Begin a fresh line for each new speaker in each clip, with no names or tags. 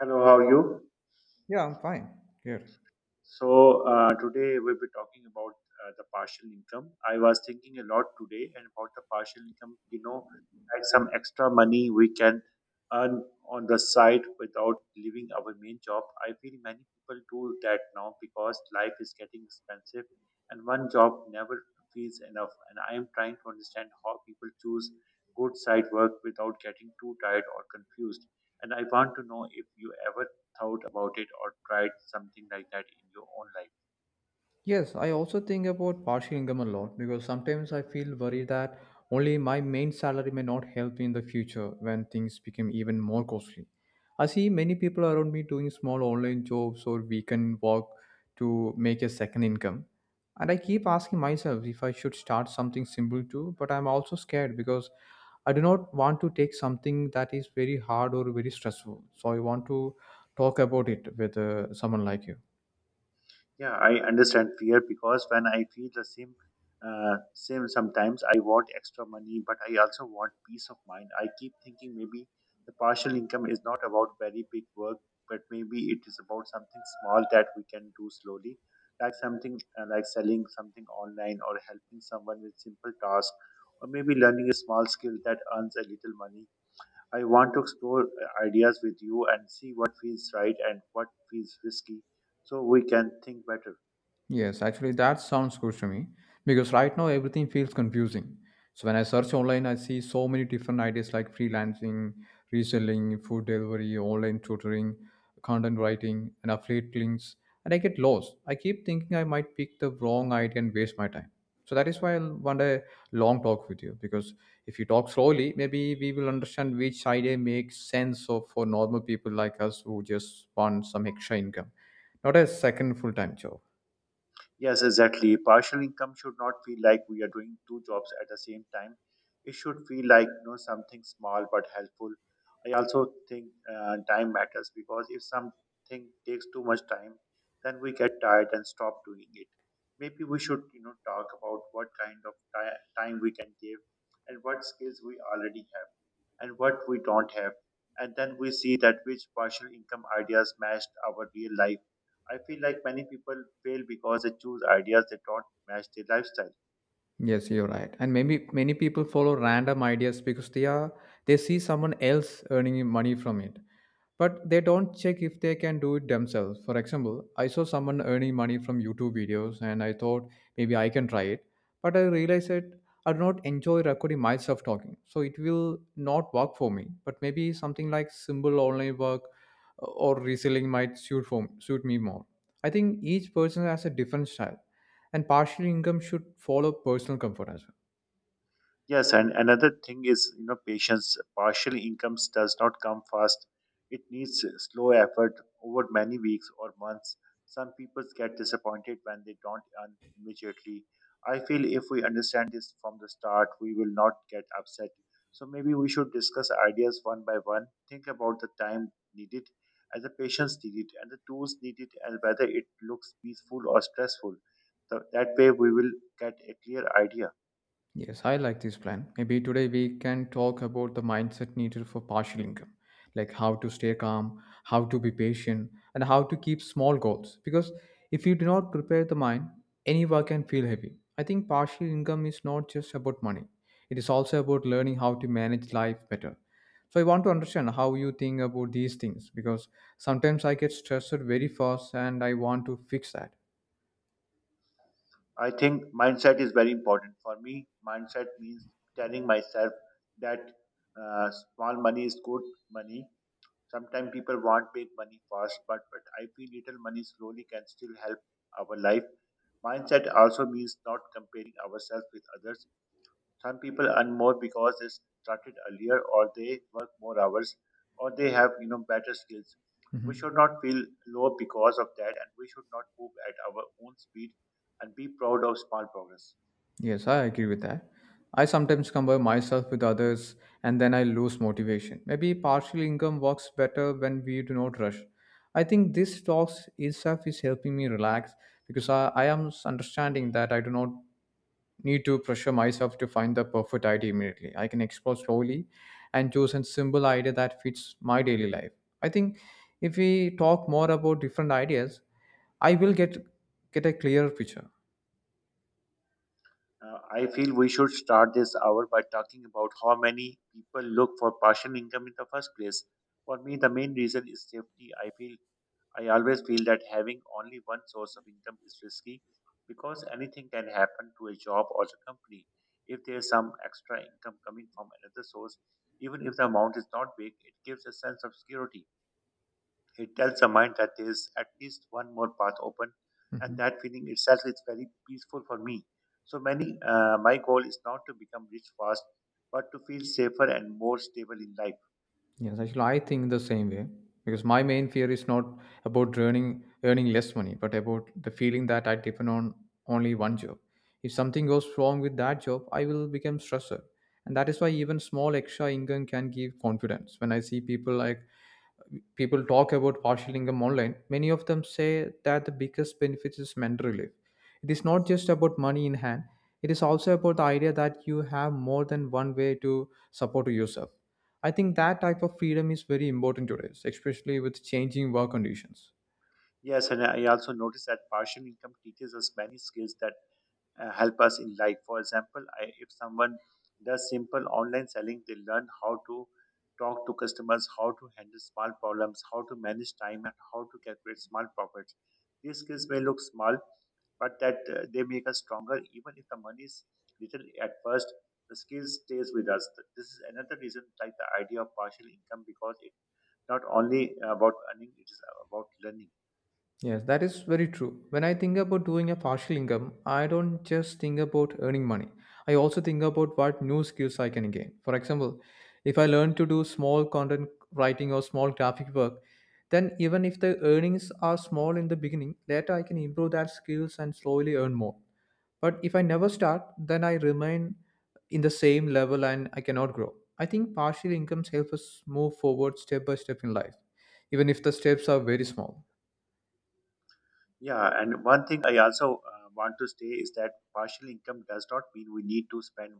Hello, how are you?
Yeah, I'm fine. Here.
So, today we'll be talking about the partial income. I was thinking a lot today and about the partial income, you know, like some extra money we can earn on the side without leaving our main job. I feel many people do that now because life is getting expensive and one job never feels enough. And I am trying to understand how people choose good side work without getting too tired or confused. And I want to know if you ever thought about it or tried something like that in your own life?
Yes, I also think about partial income a lot because sometimes I feel worried that only my main salary may not help me in the future when things become even more costly. I see many people around me doing small online jobs or weekend work to make a second income. And I keep asking myself if I should start something simple too, but I'm also scared because I do not want to take something that is very hard or very stressful. So I want to talk about it with someone like you.
Yeah, I understand fear because when I feel the same sometimes I want extra money, but I also want peace of mind. I keep thinking maybe the partial income is not about very big work, but maybe it is about something small that we can do slowly, like something like selling something online or helping someone with simple task, or maybe learning a small skill that earns a little money. I want to explore ideas with you and see what feels right and what feels risky so we can think better.
Yes, actually, that sounds good to me because right now everything feels confusing. So when I search online, I see so many different ideas like freelancing, reselling, food delivery, online tutoring, content writing, and affiliate links, and I get lost. I keep thinking I might pick the wrong idea and waste my time. So that is why I want a long talk with you because if you talk slowly, maybe we will understand which idea makes sense of for normal people like us who just want some extra income, not a second full-time job.
Yes, exactly. Partial income should not feel like we are doing two jobs at the same time. It should feel like, you know, something small but helpful. I also think time matters because if something takes too much time, then we get tired and stop doing it. Maybe we should, you know, talk about what kind of time we can give, and what skills we already have, and what we don't have, and then we see that which partial income ideas matched our real life. I feel like many people fail because they choose ideas that don't match their lifestyle.
Yes, you're right. And maybe many people follow random ideas because they see someone else earning money from it, but they don't check if they can do it themselves. For example, I saw someone earning money from YouTube videos and I thought maybe I can try it, but I realized that I do not enjoy recording myself talking, so it will not work for me. But maybe something like simple online work or reselling might suit me more. I think each person has a different style, and partial income should follow personal comfort as well.
Yes, and another thing is, you know, patience. Partial incomes does not come fast. It needs slow effort over many weeks or months. Some people get disappointed when they don't earn immediately. I feel if we understand this from the start, we will not get upset. So maybe we should discuss ideas one by one, think about the time needed and the patience needed and the tools needed and whether it looks peaceful or stressful. So that way we will get a clear idea.
Yes, I like this plan. Maybe today we can talk about the mindset needed for partial income, like how to stay calm, how to be patient, and how to keep small goals. Because if you do not prepare the mind, any work can feel heavy. I think partial income is not just about money, it is also about learning how to manage life better. So I want to understand how you think about these things because sometimes I get stressed very fast and I want to fix that.
I think mindset is very important. For me, mindset means telling myself that small money is good money. Sometimes people want big money fast, but I feel little money slowly can still help our life. Mindset also means not comparing ourselves with others. Some people earn more because they started earlier, or they work more hours, or they have, you know, better skills. We
Mhm.
should not feel low because of that, and we should not move at our own speed and be proud of small progress.
Yes, I agree with that. I sometimes compare myself with others and then I lose motivation. Maybe partial income works better when we do not rush. I think this talks itself is helping me relax because I am understanding that I do not need to pressure myself to find the perfect idea immediately. I can explore slowly and choose a simple idea that fits my daily life. I think if we talk more about different ideas, I will get a clearer picture.
I feel we should start this hour by talking about how many people look for partial income in the first place. For me, the main reason is safety. I always feel that having only one source of income is risky because anything can happen to a job or a company. If there is some extra income coming from another source, even if the amount is not big, it gives a sense of security. It tells the mind that there is at least one more path open, and
Mhm.
that feeling itself is very peaceful for me. So my goal is not to become rich fast, but to feel safer and more stable in life.
Yes, actually, I think the same way because my main fear is not about earning less money, but about the feeling that I depend on only one job. If something goes wrong with that job, I will become stressed, and that is why even small extra income can give confidence. When I see people like people talk about partial income online, many of them say that the biggest benefit is mental relief. It is not just about money in hand, it is also about the idea that you have more than one way to support yourself. I think that type of freedom is very important today, especially with changing work conditions.
Yes, and I also noticed that partial income teaches us many skills that help us in life. For example, if someone does simple online selling, they learn how to talk to customers, how to handle small problems, how to manage time, and how to calculate small profits. These skills may look small, but that they make us stronger. Even if the money is little at first, the skill stays with us. This is another reason like the idea of partial income, because it's not only about earning, it is about learning.
Yes, that is very true. When I think about doing a partial income, I don't just think about earning money. I also think about what new skills I can gain. For example, if I learn to do small content writing or small graphic work, then even if the earnings are small in the beginning, later I can improve that skills and slowly earn more. But if I never start, then I remain in the same level and I cannot grow. I think partial incomes help us move forward step by step in life, even if the steps are very small.
Yeah, and one thing I also want to say is that partial income does not mean we need to spend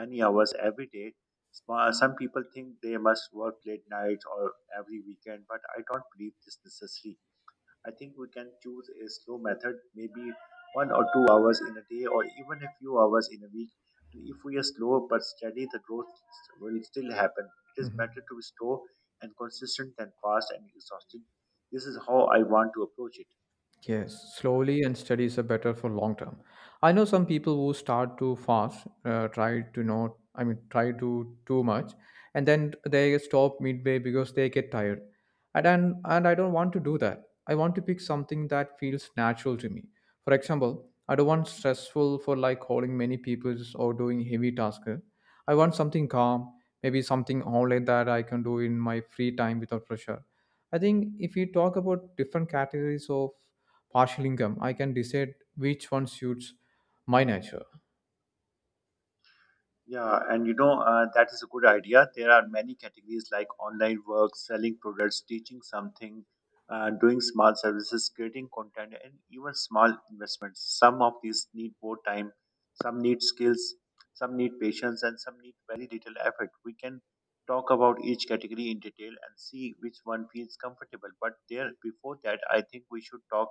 many hours every day. Some people think they must work late nights or every weekend, but I don't believe this necessary. I think we can choose a slow method, maybe 1 or 2 hours in a day, or even a few hours in a week. And if we are slow but steady, the growth will still happen. It is better
Mhm.
to be slow and consistent than fast and exhausted. This is how I want to approach it.
Yes, slowly and studies are better for long term. I know some people who start too fast, try to not, I mean, try to too much, and then they stop midway because they get tired. And I don't want to do that. I want to pick something that feels natural to me. For example, I don't want stressful for like calling many people or doing heavy tasks. I want something calm, maybe something online that I can do in my free time without pressure. I think if we talk about different categories of partial income, I can decide which one suits my nature.
Yeah, and you know, that is a good idea. There are many categories like online work, selling products, teaching something, doing small services, creating content, and even small investments. Some of these need more time, some need skills, some need patience, and some need very little effort. We can talk about each category in detail and see which one feels comfortable. But before that, I think we should talk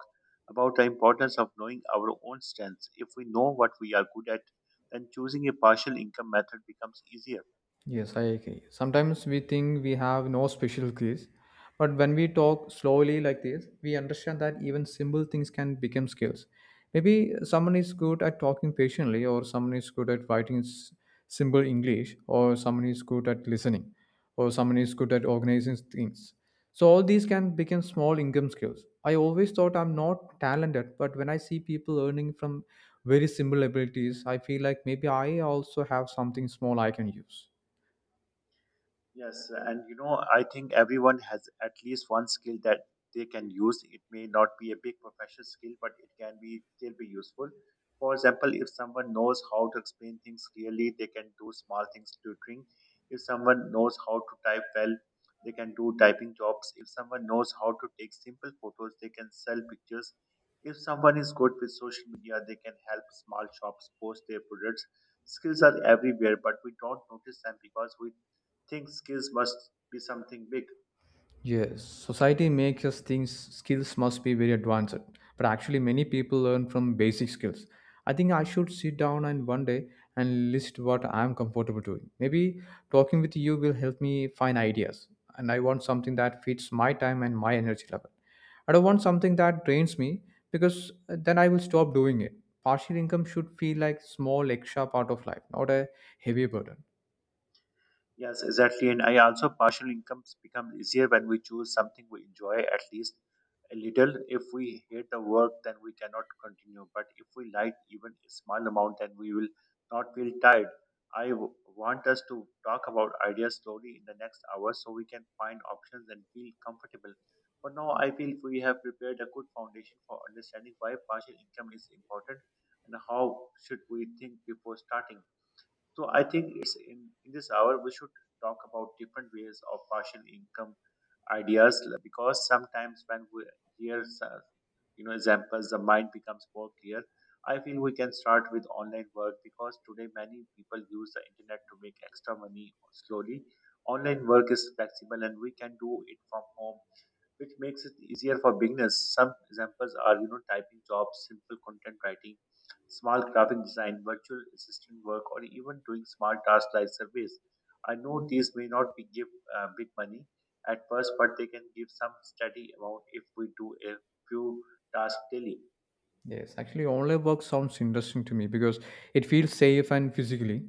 about the importance of knowing our own strengths. If we know what we are good at, then choosing a partial income method becomes easier.
Yes, I agree. Sometimes we think we have no special skills, but when we talk slowly like this, we understand that even simple things can become skills. Maybe someone is good at talking patiently, or someone is good at writing simple English, or someone is good at listening, or someone is good at organizing things. So all these can become small income skills. I always thought I'm not talented, but when I see people earning from very simple abilities, I feel like maybe I also have something small I can use.
Yes, and you know, I think everyone has at least one skill that they can use. It may not be a big professional skill, but it can be still be useful. For example, if someone knows how to explain things clearly, they can do small things tutoring. If someone knows how to type well, they can do typing jobs. If someone knows how to take simple photos, they can sell pictures. If someone is good with social media, they can help small shops post their products. Skills are everywhere, but we don't notice them because we think skills must be something big.
Yes, society makes us think skills must be very advanced, but actually, many people learn from basic skills. I think I should sit down and one day and list what I'm comfortable doing. Maybe talking with you will help me find ideas, and I want something that fits my time and my energy level. I don't want something that drains me because then I will stop doing it. Partial income should feel like small extra part of life, not a heavy burden.
Yes, exactly. And I also partial incomes become easier when we choose something we enjoy at least a little. If we hate the work, then we cannot continue. But if we like even a small amount, then we will not feel tired. I want us to talk about ideas slowly in the next hour so we can find options and feel comfortable. For now, I feel we have prepared a good foundation for understanding why partial income is important and how should we think before starting. So I think it's in this hour we should talk about different ways of partial income ideas, because sometimes when we hear you know, examples, the mind becomes more clear. I feel we can start with online work because today many people use the internet to make extra money slowly. Online work is flexible and we can do it from home, which makes it easier for beginners. Some examples are, you know, typing jobs, simple content writing, small graphic design, virtual assistant work, or even doing small tasks like surveys. I know these may not be give big money at first, but they can give some steady amount if we do a few tasks daily.
Yes, actually, online work sounds interesting to me because it feels safe and physically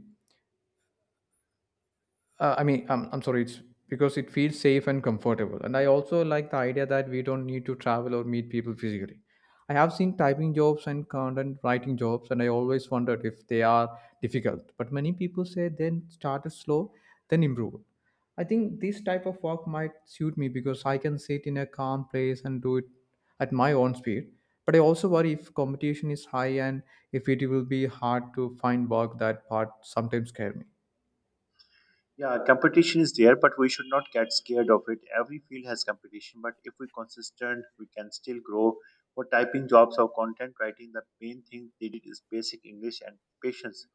I mean, I'm sorry, it's because it feels safe and comfortable. And I also like the idea that we don't need to travel or meet people physically. I have seen typing jobs and content writing jobs, and I always wondered if they are difficult. But many people say then start it slow, then improve. I think this type of work might suit me because I can sit in a calm place and do it at my own speed. But I also worry if competition is high and if it will be hard to find work, that part sometimes scare me.
Yeah, competition is there, but we should not get scared of it. Every field has competition, but if we're consistent, we can still grow. For typing jobs or content writing, the main thing they did is basic English and patience.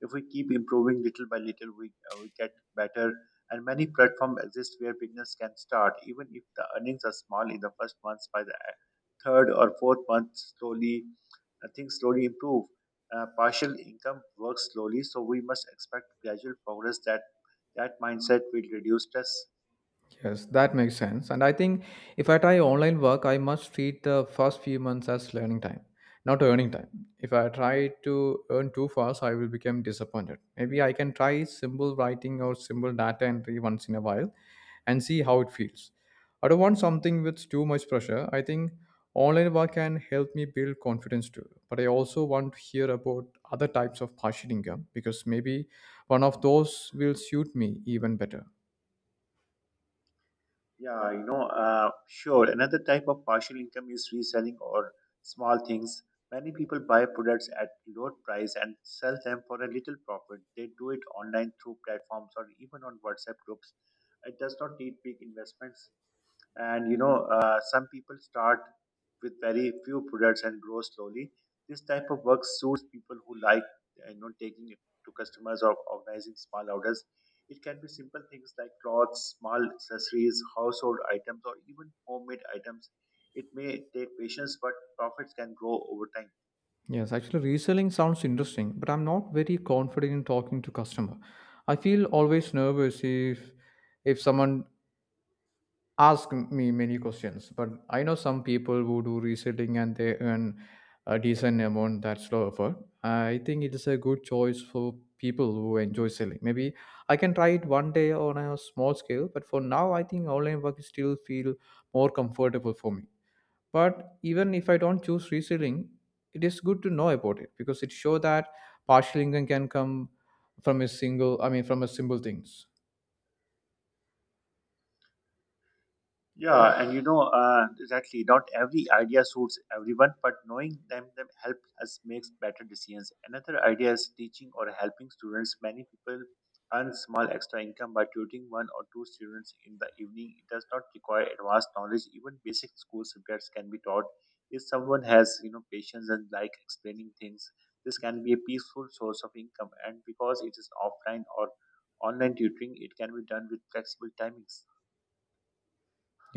If we keep improving little by little, we get better. And many platforms exist where beginners can start, even if the earnings are small in the first months. By the third or fourth month, slowly things slowly improve. Partial income works slowly, so we must expect gradual progress. That mindset will reduce stress.
Yes, that makes sense. And I think if I try online work, I must treat the first few months as learning time, not earning time. If I try to earn too fast, I will become disappointed. Maybe I can try simple writing or simple data entry once in a while and see how it feels. I don't want something with too much pressure. I think online work can help me build confidence too. But I also want to hear about other types of partial income because maybe one of those will suit me even better.
Yeah, you know, sure. Another type of partial income is reselling or small things. Many people buy products at low price and sell them for a little profit. They do it online through platforms or even on WhatsApp groups. It does not need big investments. And you know some people start with very few products and grow slowly. This type of work suits people who like, you know, taking it to customers or organizing small orders. It can be simple things like clothes, small accessories, household items, or even homemade items. It may take patience, but profits can grow over time.
Yes, actually, reselling sounds interesting, but I'm not very confident in talking to customer. I feel always nervous if someone asks me many questions. But I know some people who do reselling and they earn a decent amount. That's low effort. I think it is a good choice for people who enjoy selling. Maybe I can try it one day on a small scale, but for now, I think online work still feel more comfortable for me. But even if I don't choose reselling, it is good to know about it because it shows that partial income can come from a single I mean from a simple things.
Yeah, and you know, exactly, not every idea suits everyone, but knowing them help us makes better decisions. Another idea is teaching or helping students. Many people earn small extra income by tutoring one or two students in the evening. It does not require advanced knowledge. Even basic school subjects can be taught. If someone has, you know, patience and like explaining things, this can be a peaceful source of income. And because it is offline or online tutoring, it can be done with flexible timings.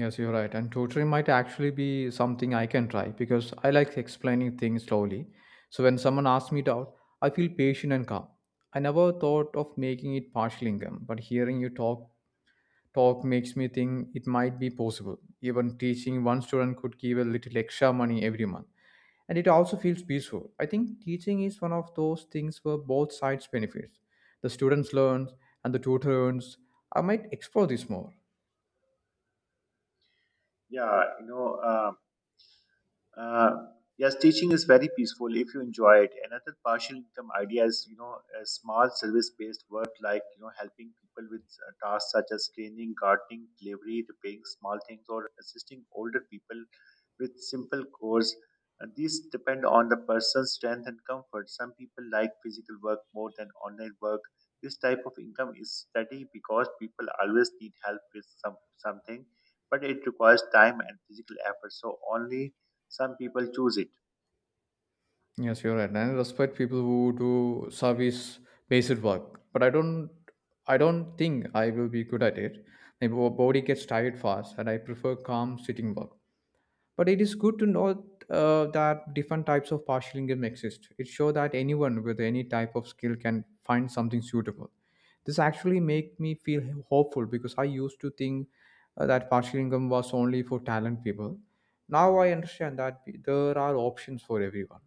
Yes, you're right, and tutoring might actually be something I can try because I like explaining things slowly. So when someone asks me doubt, I feel patient and calm. I never thought of making it partial income, but hearing you talk makes me think it might be possible. Even teaching one student could give a little extra money every month, and it also feels peaceful. I think teaching is one of those things where both sides benefits. The students learn and the tutor earns. I might explore this more.
Yeah, you know. Um, uh, yes, teaching is very peaceful if you enjoy it. Another partial income idea is, you know, a small service based work, like, you know, helping people with tasks such as cleaning, gardening, delivery, repairing small things, or assisting older people with simple chores. And these depend on the person's strength and comfort. Some people like physical work more than online work. This type of income is steady because people always need help with something, but it requires time and physical effort, so only some people choose it.
Yes, you're right. And I respect people who do service based work, but I don't think I will be good at it. My body gets tired fast and I prefer calm sitting work. But it is good to know that different types of partial income exist. It shows that anyone with any type of skill can find something suitable. This actually make me feel hopeful because I used to think that partial income was only for talent people. Now I understand that there are options for everyone.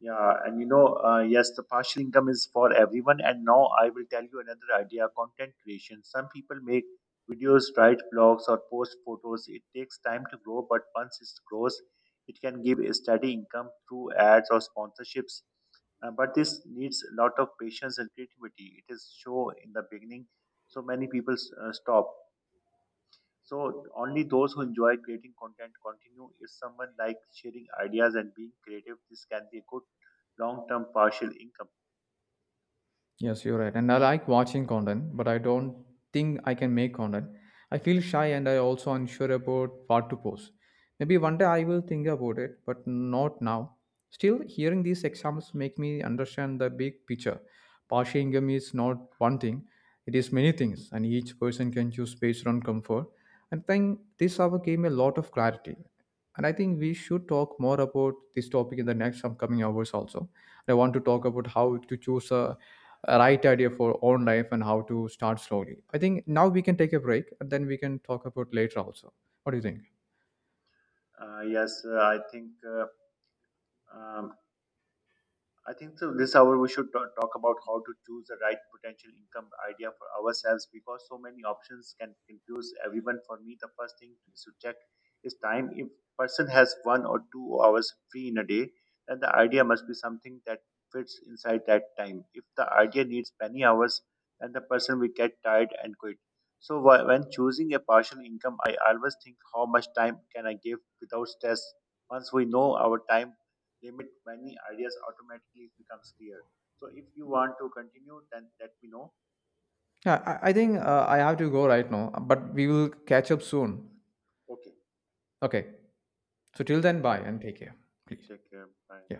Yeah, and you know, yes, the partial income is for everyone, and now I will tell you another idea: content creation. Some people make videos, write blogs, or post photos. It takes time to grow, but once it grows, it can give a steady income through ads or sponsorships. But this needs a lot of patience and creativity. It is show in the beginning, so many people stop. So only those who enjoy creating content continue. If someone likes sharing ideas and being creative, this can be a good long-term partial income.
Yes, you're right. And I like watching content, but I don't think I can make content. I feel shy and I also unsure about what to post. Maybe one day I will think about it, but not now. Still, hearing these examples make me understand the big picture. Partial income is not one thing, it is many things, and each person can choose based on comfort. And I think this hour gave me a lot of clarity. And I think we should talk more about this topic in the next upcoming hours also. I want to talk about how to choose a right idea for own life and how to start slowly. I think now we can take a break and then we can talk about later also. What do you think?
Uh, yes, uh, I think uh, um, I think so. This hour we should talk about how to choose the right potential income idea for ourselves because so many options can confuse everyone. For me, the first thing is to check is time. If person has 1 or 2 hours free in a day, then the idea must be something that fits inside that time. If the idea needs many hours, then the person will get tired and quit. So when choosing a partial income, I always think how much time can I give without stress. Once we know our time limit, many ideas automatically becomes clear. So if you want to continue, then let me know.
Yeah, I think I have to go right now, but we will catch up soon.
Okay,
Okay. So till then,
take
bye
care.
and take care, please.
Take care. Bye.
Yeah.